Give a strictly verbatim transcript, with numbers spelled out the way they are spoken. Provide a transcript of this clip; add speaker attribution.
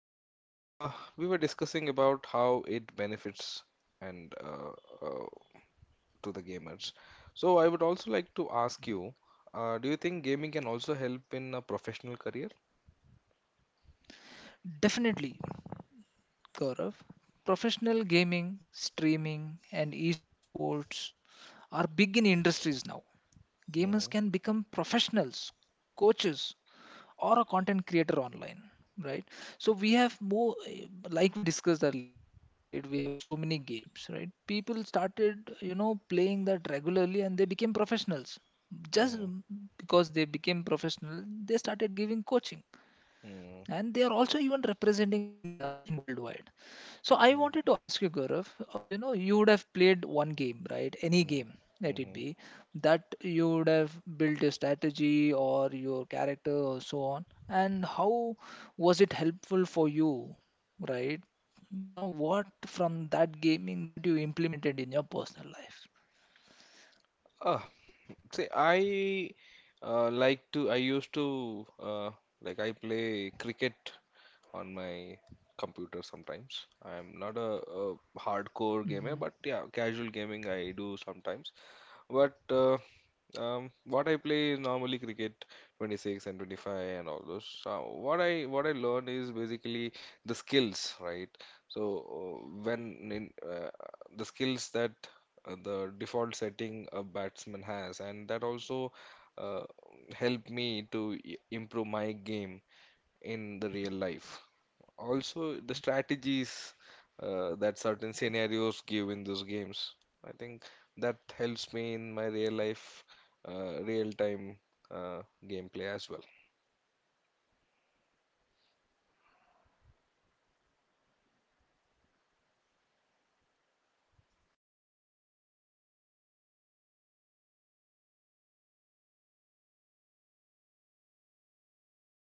Speaker 1: Salim, uh, we were discussing about how it benefits and uh, uh, to the gamers. So, I would also like to ask you, uh, do you think gaming can also help in a professional career?
Speaker 2: Definitely, Gaurav. Professional gaming, streaming, and esports are big in industries now. Gamers can
Speaker 1: Mm-hmm,
Speaker 2: become professionals, coaches, or a content creator online, right? So we have more, like we discussed earlier, right? We have so many games, right? People started, you know, playing that regularly and they became professionals. Just
Speaker 1: mm-hmm,
Speaker 2: because they became professional, they started giving coaching, and they are also even representing India in worldwide. So I
Speaker 1: mm-hmm,
Speaker 2: wanted to ask you, Gaurav, uh, you know, you would have played one game, right? Any game,
Speaker 1: mm-hmm,
Speaker 2: let it
Speaker 1: mm-hmm.
Speaker 2: be, that you would have built a strategy or your character or so on. And how was it helpful for you, right? You know, what from that gaming that you implemented in your personal life?
Speaker 1: Uh, see, I uh, like to. I used to uh, like I play cricket on my computer sometimes. I'm not a, a hardcore
Speaker 2: Mm-hmm,
Speaker 1: gamer, but yeah, casual gaming I do sometimes. But uh, um, What I play is normally cricket twenty-six and twenty-five and all those. So what
Speaker 2: mm-hmm,
Speaker 1: I what I learn is basically the skills, right? So uh, when in uh,
Speaker 2: mm-hmm,
Speaker 1: The skills that uh, the default setting a batsman has, and that also uh, help me to i- improve my game in the real life.
Speaker 2: mm-hmm.
Speaker 1: Also, the strategies uh, that certain scenarios give in those games, I think that helps me in my real life, uh, real time uh, gameplay as well.